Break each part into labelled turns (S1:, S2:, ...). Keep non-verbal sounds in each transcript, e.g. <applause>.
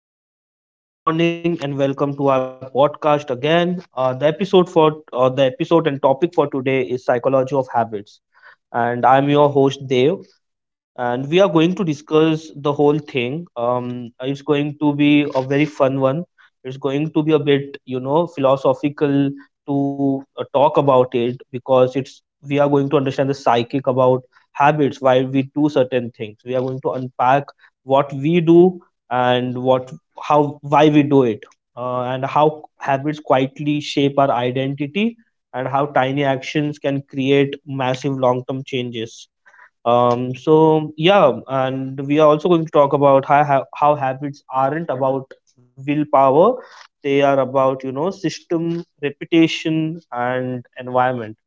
S1: hello everyone. Good morning and welcome to our podcast again. The episode and topic for today is psychology of habits, and I'm your host Dev, and we are going to discuss the whole thing. It's going to be a very fun one. It's going to be a bit, you know, philosophical to talk about it because it's we are going to understand the psychic about habits, why we do certain things. We are going to unpack what we do and what how, why we do it, and how habits quietly shape our identity, and how tiny actions can create massive long term changes. So yeah, and we are also going to talk about how habits aren't about willpower, they are about, you know, system reputation and environment.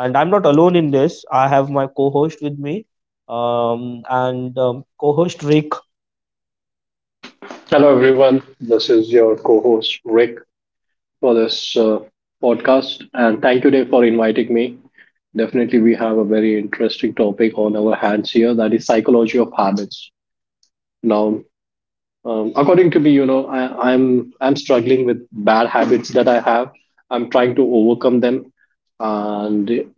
S1: And I'm not alone in this, I have my co-host with me. And Co-host Rick.
S2: Hello, everyone. This is your co host, Rick, for this podcast. And thank you, Dave, for inviting me. Definitely, we have a very interesting topic on our hands here that is psychology of habits. Now, according to me, you know, I'm struggling with bad habits that I have. I'm trying to overcome them, and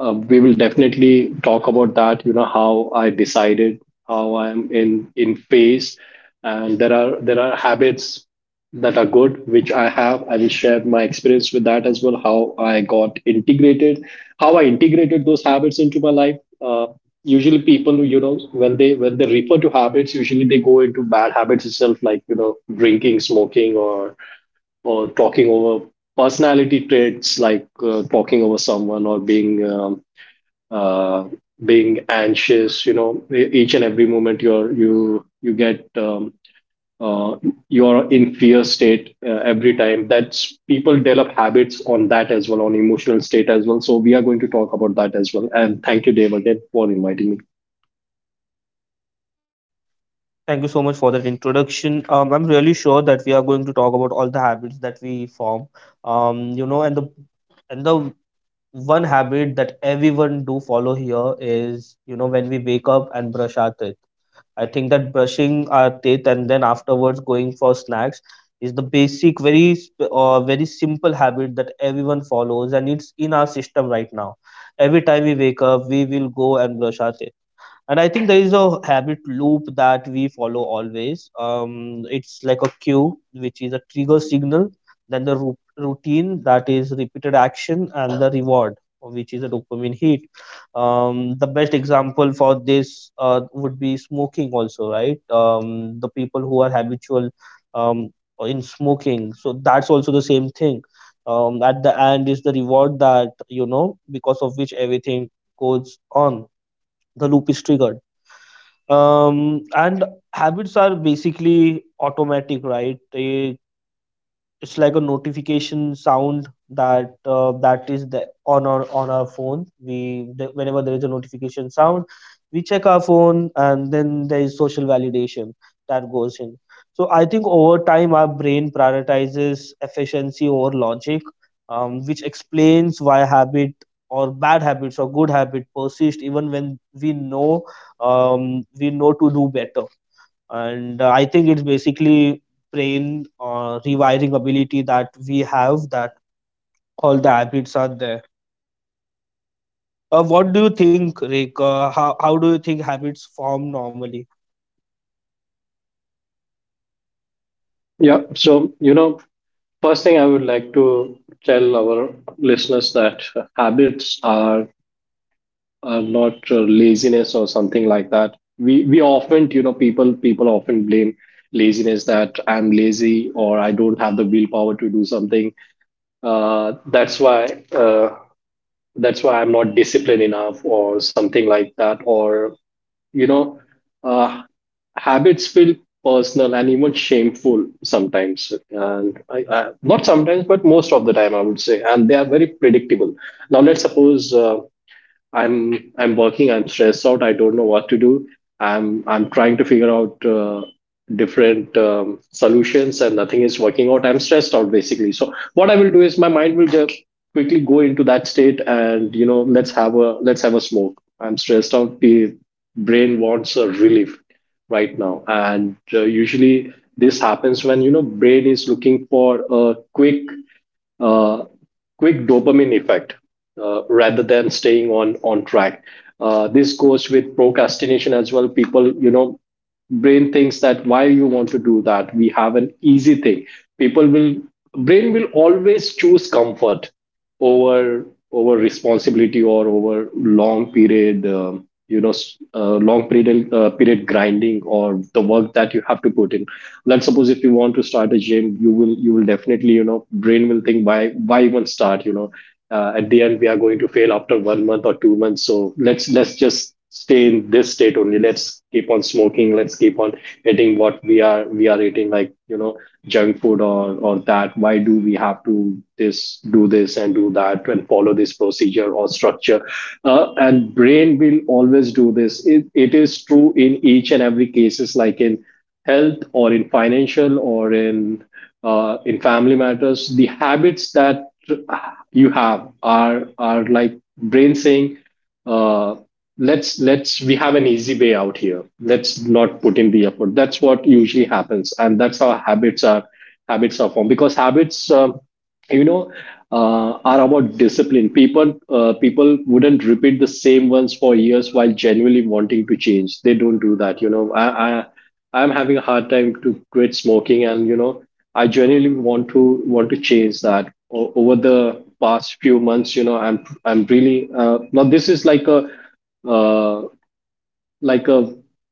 S2: we will definitely talk about that how I decided, how I'm in phase, and there are habits that are good which I will share my experience with that as well. How I integrated those habits into my life. Usually people, when they refer to habits, usually they go into bad habits itself, like, drinking, smoking, or talking over personality traits, like talking over someone, or uh, being anxious, you know, each and every moment. You're you you get uh, you're in fear state every time. That's people develop habits on that as well, on emotional state as well, so we are going to talk about that as well. And thank you, Dave, again for inviting me.
S1: Thank you so much for that introduction. I'm really sure that we are going to talk about all the habits that we form. You know, and the one habit that everyone do follow here is, you know, when we wake up and brush our teeth. I think that brushing our teeth and then afterwards going for snacks is the basic, very simple habit that everyone follows, and it's in our system right now. Every time we wake up, we will go and brush our teeth. And I think there is a habit loop that we follow always. It's like a cue, which is a trigger signal, then the routine, that is repeated action, and the reward, which is a dopamine hit. The best example for this would be smoking also, right? The people who are habitual um, in smoking. So that's also the same thing. At the end is the reward that, you know, because of which everything goes on. The loop is triggered. And habits are basically automatic, right? They it's like a notification sound that is on our phone. Whenever there is a notification sound, we check our phone, and then there is social validation that goes in. So I think over time our brain prioritizes efficiency over logic, which explains why habit or bad habits or good habit persist even when we know, we know to do better. And I think it's basically brain rewiring ability that we have, that all the habits are there. What do you think, Rick? How do you think habits form normally?
S2: Yeah, so, first thing I would like to tell our listeners that habits are not laziness or something like that. We often, people often blame laziness, that I'm lazy, or I don't have the willpower to do something. Uh, that's why uh, that's why I'm not disciplined enough or something like that. Or, you know, uh, habits feel personal and even shameful sometimes, and not sometimes but most of the time, I would say. And they are very predictable. Now let's suppose, I'm working. I'm stressed out. I don't know what to do. I'm trying to figure out different solutions, and nothing is working out. I'm stressed out basically. So what I will do is my mind will just quickly go into that state, and, you know, let's have a smoke. I'm stressed out. The brain wants a relief right now, and usually this happens when, brain is looking for a uh, quick dopamine effect, rather than staying on track. This goes with procrastination as well. Brain thinks that, why you want to do that? We have an easy thing. People will Brain will always choose comfort over responsibility, or over long period. Long period grinding, or the work that you have to put in. Let's suppose, if you want to start a gym, you will definitely, brain will think, why even start? At the end, we are going to fail after one month or 2 months, so let's just stay in this state only. Let's keep on smoking, let's keep on eating what we are eating, like, junk food, or that, why do we have to this, do this and do that, and follow this procedure or structure. And brain will always do this. It is true in each and every cases, like in health, or in financial, or in family matters. The habits that you have are like brain saying, uh, let's we have an easy way out here, let's not put in the effort. That's what usually happens, and that's how habits are formed. Because habits, you know are about discipline. People wouldn't repeat the same ones for years while genuinely wanting to change. They don't do that. I'm having a hard time to quit smoking, and, you know, I genuinely want to change that. O- over the past few months, you know, I'm really now this is like a, uh, like a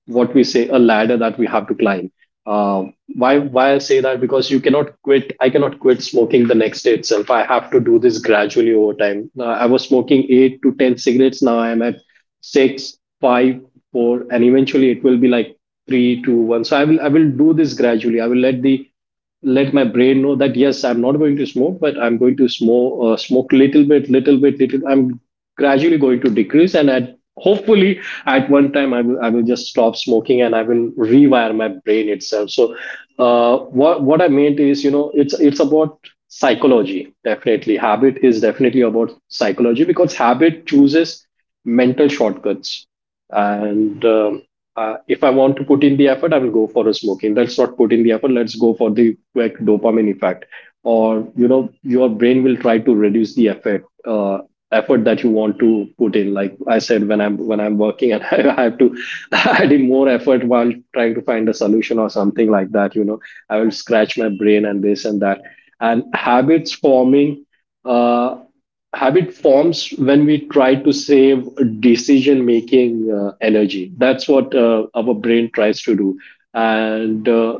S2: what we say, a ladder that we have to climb. Uh, why I say that, because you cannot quit. I cannot quit smoking the next day itself. I have to do this gradually over time. I was smoking 8 to 10 cigarettes. Now I am at six, five, four, and eventually it will be like three, two, one. So I will do this gradually. I will let the let my brain know that, yes, I'm not going to smoke, but I'm going to smoke little bit, little bit, little. I'm gradually going to decrease, and at hopefully at one time, I will just stop smoking, and I will rewire my brain itself. So, what I meant is, you know, it's about psychology, definitely. Habit is definitely about psychology, because habit chooses mental shortcuts. And. If I want to put in the effort, I will go for a smoking. Let's not put in the effort. Let's go for the quick dopamine effect. Or, you know, your brain will try to reduce the effort that you want to put in, like I said, when I'm working, and <laughs> I have to <laughs> add in more effort while trying to find a solution or something like that, you know, I will scratch my brain and this and that. And uh, habit forms when we try to save decision making energy. That's what our brain tries to do. And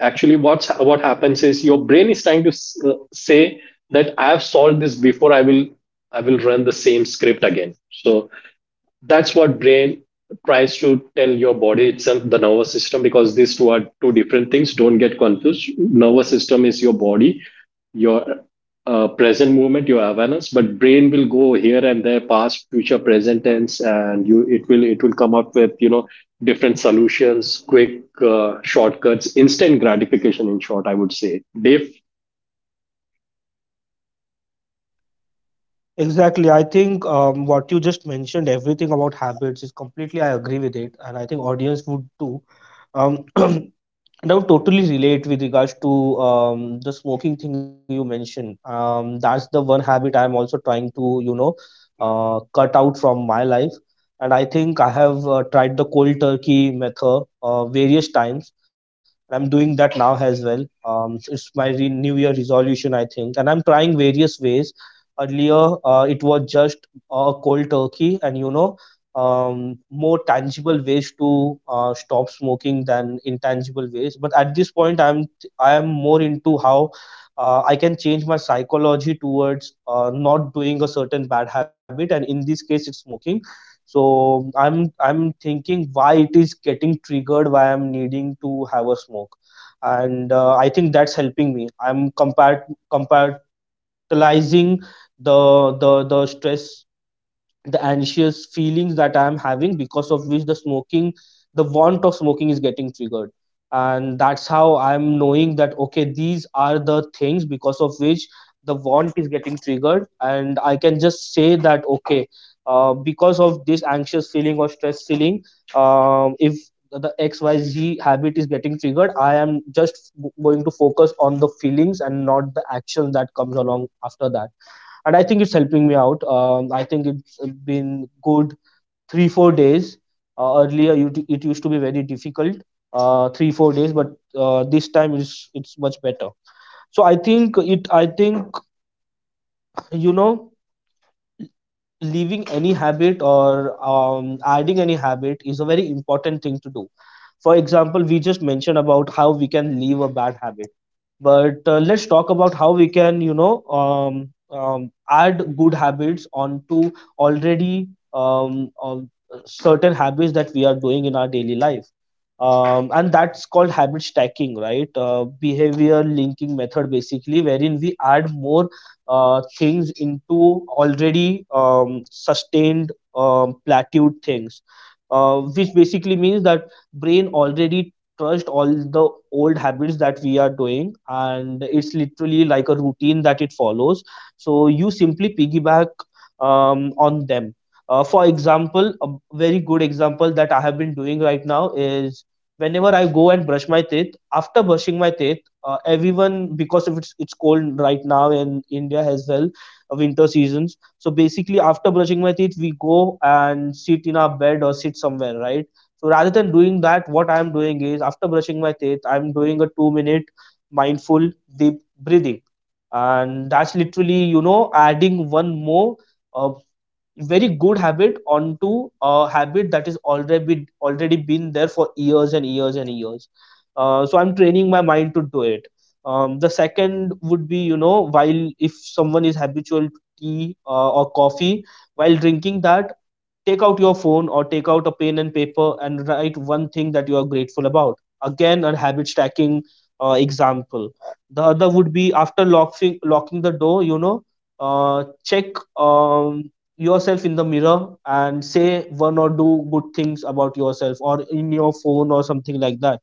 S2: actually, what happens is, your brain is trying to say that, I have solved this before, I will run the same script again. So that's what brain tries to tell your body itself, the nervous system, because these two are two different things, don't get confused. Nervous system is your body, your present movement, your awareness. But brain will go here and there, past, future, present tense, and you it will come up with, you know, different solutions, quick, shortcuts, instant gratification, in short, I would say, Dave.
S1: Exactly. I think, what you just mentioned, everything about habits is completely, I agree with it, and I think audience would too. Um, <clears throat> and I would totally relate with regards to, the smoking thing you mentioned. That's the one habit I'm also trying to, you know, cut out from my life. And I think I have tried the cold turkey method various times, and I'm doing that now as well. It's my New Year resolution, I think, and I'm trying various ways. Earlier, it was just a cold turkey, and you know, more tangible ways to stop smoking than intangible ways. But at this point, I am more into how I can change my psychology towards not doing a certain bad habit, and in this case, it's smoking. So I'm thinking why it is getting triggered, why I'm needing to have a smoke, and I think that's helping me. Compatibilizing the stress, the anxious feelings that I am having, because of which the smoking, the want of smoking is getting triggered. And that's how I'm knowing that, okay, these are the things because of which the want is getting triggered. And I can just say that, okay, because of this anxious feeling or stress feeling, if the XYZ habit is getting triggered, I am going to focus on the feelings and not the actions that comes along after that. And I think it's helping me out. I think it's been good three four days. Earlier, it used to be very difficult, three four days, but this time it's much better. So I think it. I think, you know, leaving any habit, or adding any habit, is a very important thing to do. For example, we just mentioned about how we can leave a bad habit, but let's talk about how we can, you know, add good habits onto already certain habits that we are doing in our daily life. And that's called habit stacking, right? Behavior linking method, basically, wherein we add more things into already sustained, plateaued things, which basically means that brain already trust all the old habits that we are doing, and it's literally like a routine that it follows. So you simply piggyback on them. For example, a very good example that I have been doing right now is, whenever I go and brush my teeth, after brushing my teeth, everyone because if it's it's cold right now in India as well, winter seasons. So basically, after brushing my teeth, we go and sit in our bed or sit somewhere, right? So rather than doing that, what I'm doing is, after brushing my teeth, I'm doing a 2 minute mindful deep breathing, and that's literally, you know, adding one more. Uh, Very good habit onto a habit that is already been there for years and years and years. So I'm training my mind to do it. Um, the second would be, you know, while if someone is habitual to tea or coffee, while drinking that, take out your phone or take out a pen and paper and write one thing that you are grateful about. Again, a habit stacking example. The other would be, after locking the door, you know, check um, yourself in the mirror and say one or two good things about yourself, or in your phone or something like that.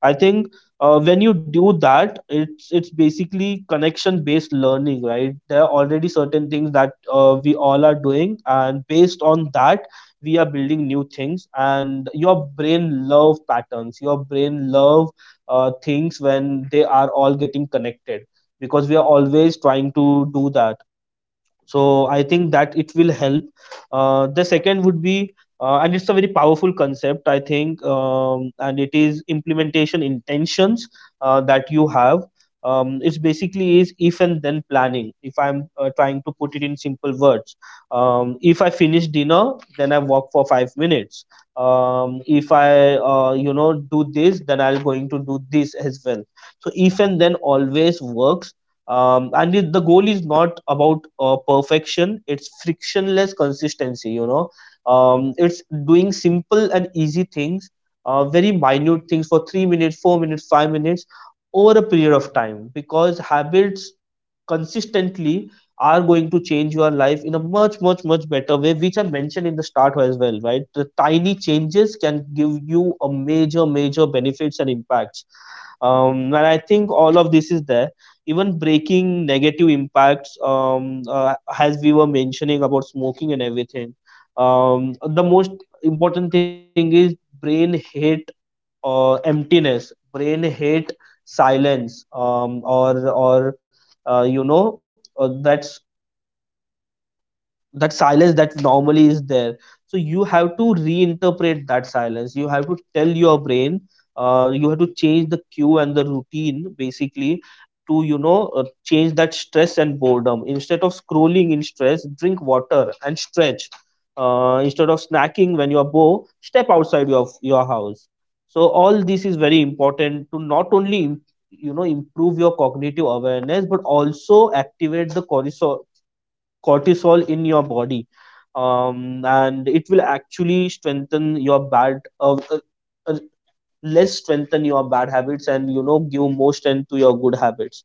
S1: I think, when you do that, it's basically connection based learning, right? There are already certain things that we all are doing, and based on that we are building new things. And your brain love patterns, your brain love things when they are all getting connected, because we are always trying to do that. So I think that it will help. The second would be And it's a very powerful concept, I think, and it is implementation intentions that you have. Um, it's basically is if and then planning. If I'm Trying to put it in simple words, if I finish dinner then I walk for 5 minutes. Um, if i uh, you know, do this, then I'll going to do this as well. So if and then always works. Um, and it, the goal is not about perfection, it's frictionless consistency, you know. Um, it's doing simple and easy things, very minute things, for 3 minutes, 4 minutes, 5 minutes, over a period of time. Because habits consistently are going to change your life in a much much much better way, which I mentioned in the start as well, right? The tiny changes can give you a major major benefits and impacts. Um, and I think all of this is there, even breaking negative impacts, as we were mentioning about smoking and everything. Um, the most important thing is, brain hate emptiness, brain hate silence, or you know, that silence that normally is there. So you have to reinterpret that silence, you have to tell your brain, you have to change the cue and the routine, basically, to, you know, change that stress and boredom. Instead of scrolling in stress, drink water and stretch. Instead of snacking when you are bored, step outside your house. So all this is very important, to not only you know, improve your cognitive awareness, but also activate the cortisol, cortisol in your body. Um, and it will actually strengthen your bad uh, less strengthen your bad habits, and you know, give more strength to your good habits.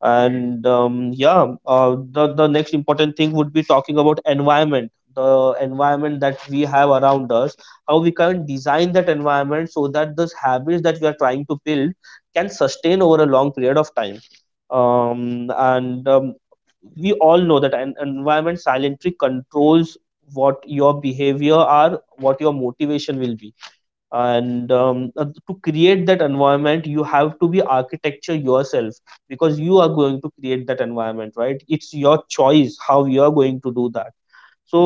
S1: And yeah, the next important thing would be talking about environment, the environment that we have around us, how we can design that environment so that those habits that we are trying to build can sustain over a long period of time. And We all know that an environment silently controls what your behavior are, what your motivation will be. And to create that Environment, you have to be architecture yourself, because you are going to create that environment, right? It's your choice how you are going to do that. so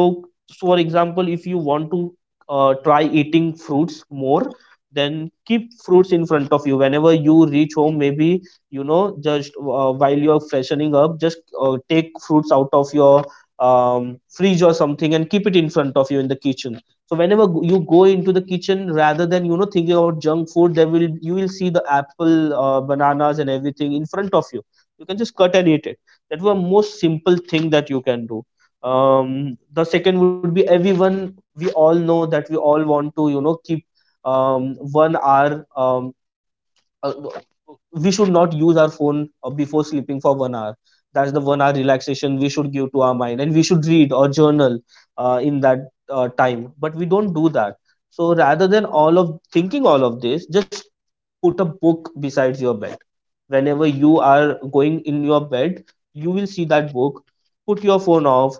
S1: so for example, if you want to try eating fruits more, then keep fruits in front of you whenever you reach home. Maybe, you know, just while you're freshening up, just take fruits out of your fridge or something and keep it in front of you in the kitchen. So whenever you go into the kitchen, rather than, you know, thinking about junk food, there will, you will see the apple, bananas and everything in front of you. You can just cut and eat it. That was a most simple thing that you can do. The second would be, everyone, we all know that we all want to, you know, keep 1 hour, uh, we should not use our phone before sleeping for 1 hour. That's the 1 hour relaxation we should give to our mind, and we should read or journal in that time, but we don't do that. So rather than all of thinking all of this, just put a book besides your bed. Whenever you are going in your bed, you will see that book. Put your phone off,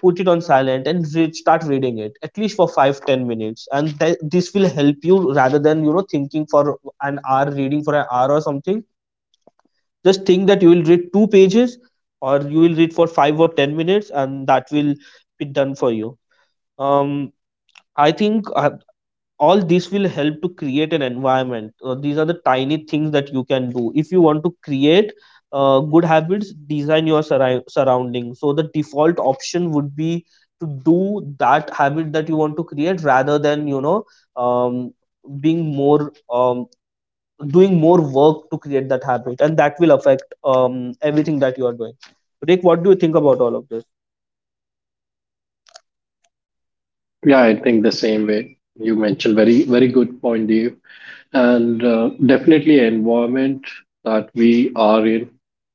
S1: put it on silent and read, start reading it at least for 5 10 minutes, and this will help you, rather than, you know, thinking for an hour, reading for an hour or something. Just think that you will read two pages, or you will read for 5 or 10 minutes, and that will be done for you. um I think all this will help to create an environment. These are the tiny things that you can do. If you want to create good habits, design your surrounding. So the default option would be to do that habit that you want to create, rather than, um, being more, doing more work to create that habit. And that will affect everything that you are doing. Rick, what do you think about all of this?
S2: Yeah, I think the same way you mentioned. Very, very good point, Dave. And definitely, environment that we are in,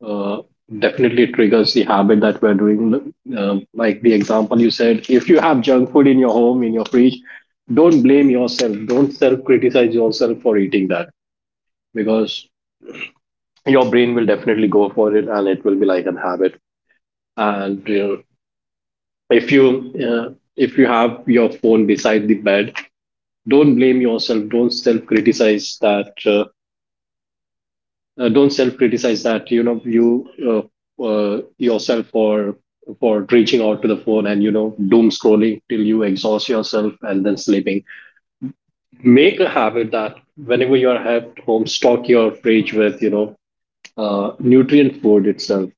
S2: uh, definitely triggers the habit that we're doing. Like the example you said, if you have junk food in your home, in your fridge, don't blame yourself. Don't self criticize yourself for eating that, because your brain will definitely go for it, and it will be like a habit. And, you know, if you if you have your phone beside the bed, don't blame yourself, don't self criticize that, don't self criticize that you know you uh, yourself for reaching out to the phone, and, you know, doom scrolling till you exhaust yourself and then sleeping. Make a habit that, whenever you are at home, stock your fridge with, nutrient food itself.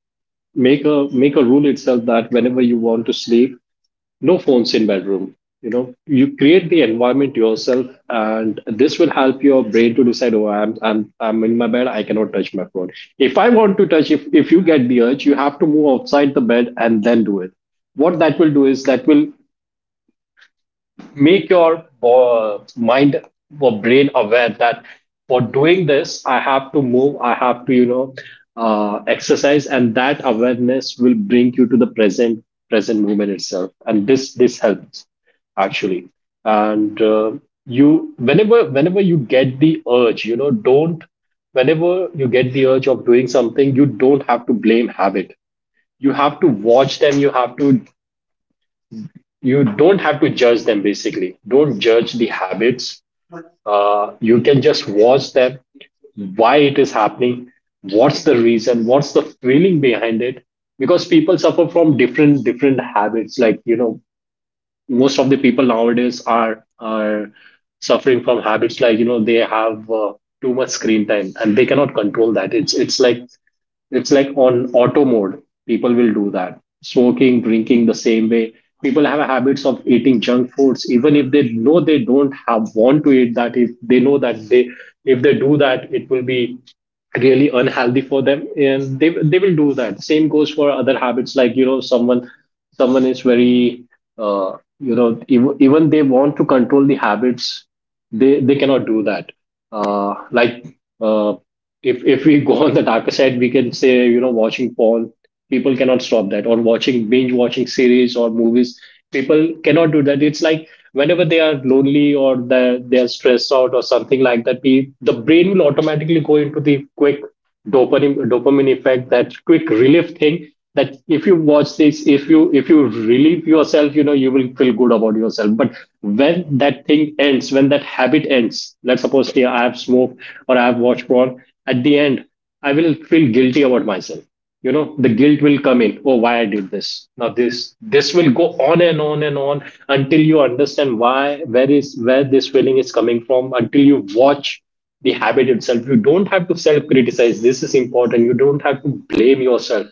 S2: Make a rule itself, that whenever you want to sleep, no phones in bedroom. You know, you create the environment yourself, and this will help your brain to decide, oh, I'm in my bed, I cannot touch my phone. If i want to touch if if you get the urge, you have to move outside the bed and then do it. What that will do is, that will make your mind or brain aware that, for doing this, I have to move, I have to, you know, exercise, and that awareness will bring you to the present, present movement itself, and this helps, actually. And you whenever whenever you get the urge, you know, don't whenever you get the urge of doing something, you don't have to blame habit, you have to watch them. You have to, you don't have to judge them, basically. Don't judge the habits. You can just watch them, why it is happening, what's the reason, what's the feeling behind it? Because people suffer from different different habits, like, you know, most of the people nowadays are suffering from habits, like, you know, they have too much screen time, and they cannot control that. It's like on auto mode, people will do that. Smoking, drinking, the same way. People have a habits of eating junk foods, even if they know they don't have want to eat that, if they know that they, if they do that, it will be really unhealthy for them, and they will do that. Same goes for other habits, like, you know, someone is very, even they want to control the habits, they cannot do that. uh, like uh, if we <laughs> go on the darker side, we can say, you know, watching porn, people cannot stop that, or watching binge watching series or movies, people cannot do that. It's like, whenever they are lonely, or they're stressed out or something like that, the brain will automatically go into the quick dopamine effect, that quick relief thing, that if you watch this, if you relieve yourself, you know, you will feel good about yourself. But when that thing ends, when that habit ends, let's suppose, yeah, I have smoked, or I have watched porn, at the end I will feel guilty about myself. You know, the guilt will come in, oh, why I did this? Now this will go on and on and on, until you understand, why, where this feeling is coming from, until you watch the habit itself. You don't have to self criticize. This is important. You don't have to blame yourself.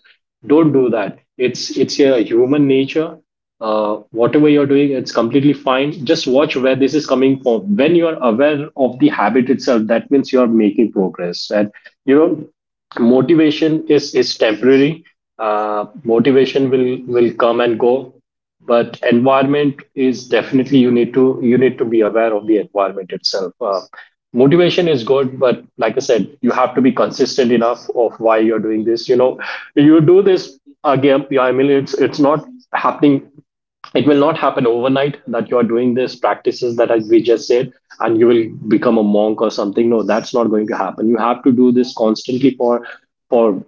S2: Don't do that. It's your human nature. Whatever you're doing, it's completely fine. Just watch where this is coming from. When you are aware of the habit itself, that means you are making progress. And, you know, motivation is temporary. Motivation will come and go, but environment is, definitely, you need to be aware of the environment itself. Motivation is good, but, like I said, you have to be consistent enough of why you're doing this. You know, you do this again. Yeah, I mean, it's not happening. It will not happen overnight, that you're doing this practices that we just said, and you will become a monk or something. No, that's not going to happen. You have to do this constantly for for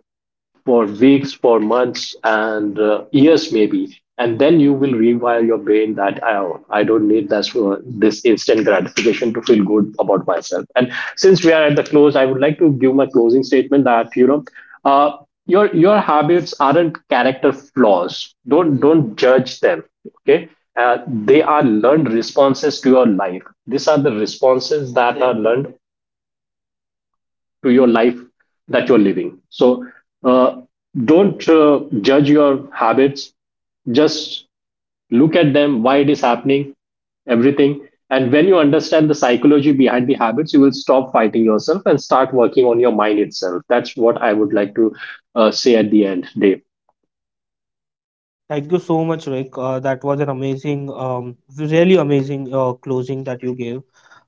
S2: weeks, for months, and years maybe. And then you will rewire your brain, that oh, I don't need this instant gratification to feel good about myself. And since we are at the close, I would like to give my closing statement, that, you know, uh, your habits aren't character flaws. Don't judge them. Okay, they are learned responses to your life. These are the responses that are learned to your life that you're living. So, uh, don't judge your habits. Just look at them, why it is happening, everything. And when you understand the psychology behind the habits, you will stop fighting yourself and start working on your mind itself. That's what I would like to say at the end, Dave.
S1: Thank you so much, Rick. That was an amazing, really amazing closing that you gave.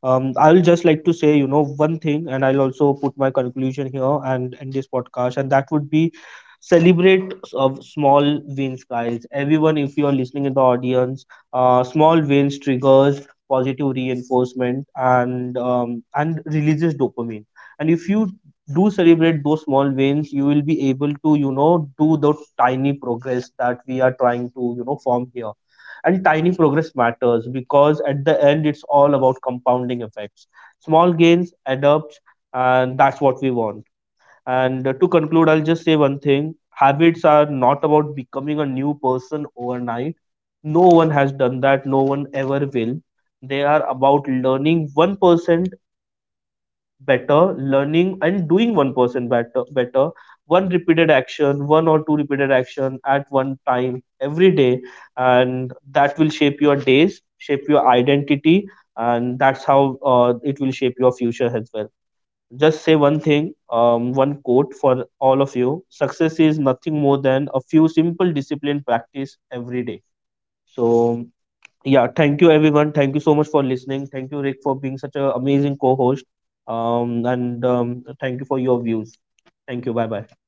S1: I'll just like to say, you know, one thing, and I'll also put my conclusion here and in this podcast, and that would be celebrate of small wins, guys. Everyone, if you are listening in the audience, small wins triggers positive reinforcement, and releases dopamine. And if you do celebrate those small wins, you will be able to, you know, do the tiny progress that we are trying to, you know, form here. And tiny progress matters, because at the end, it's all about compounding effects. Small gains add up, and that's what we want. And to conclude, I'll just say one thing. Habits are not about becoming a new person overnight. No one has done that, no one ever will. They are about learning 1% better, learning and doing one person better, better, one repeated action, one or two repeated action at one time every day. And that will shape your days, shape your identity, and that's how it will shape your future as well. Just say one thing, one quote for all of you: success is nothing more than a few simple disciplined practice every day. So yeah, thank you everyone. Thank you so much for listening. Thank you, Rick, for being such an amazing co-host. And thank you for your views. Thank you. Bye bye.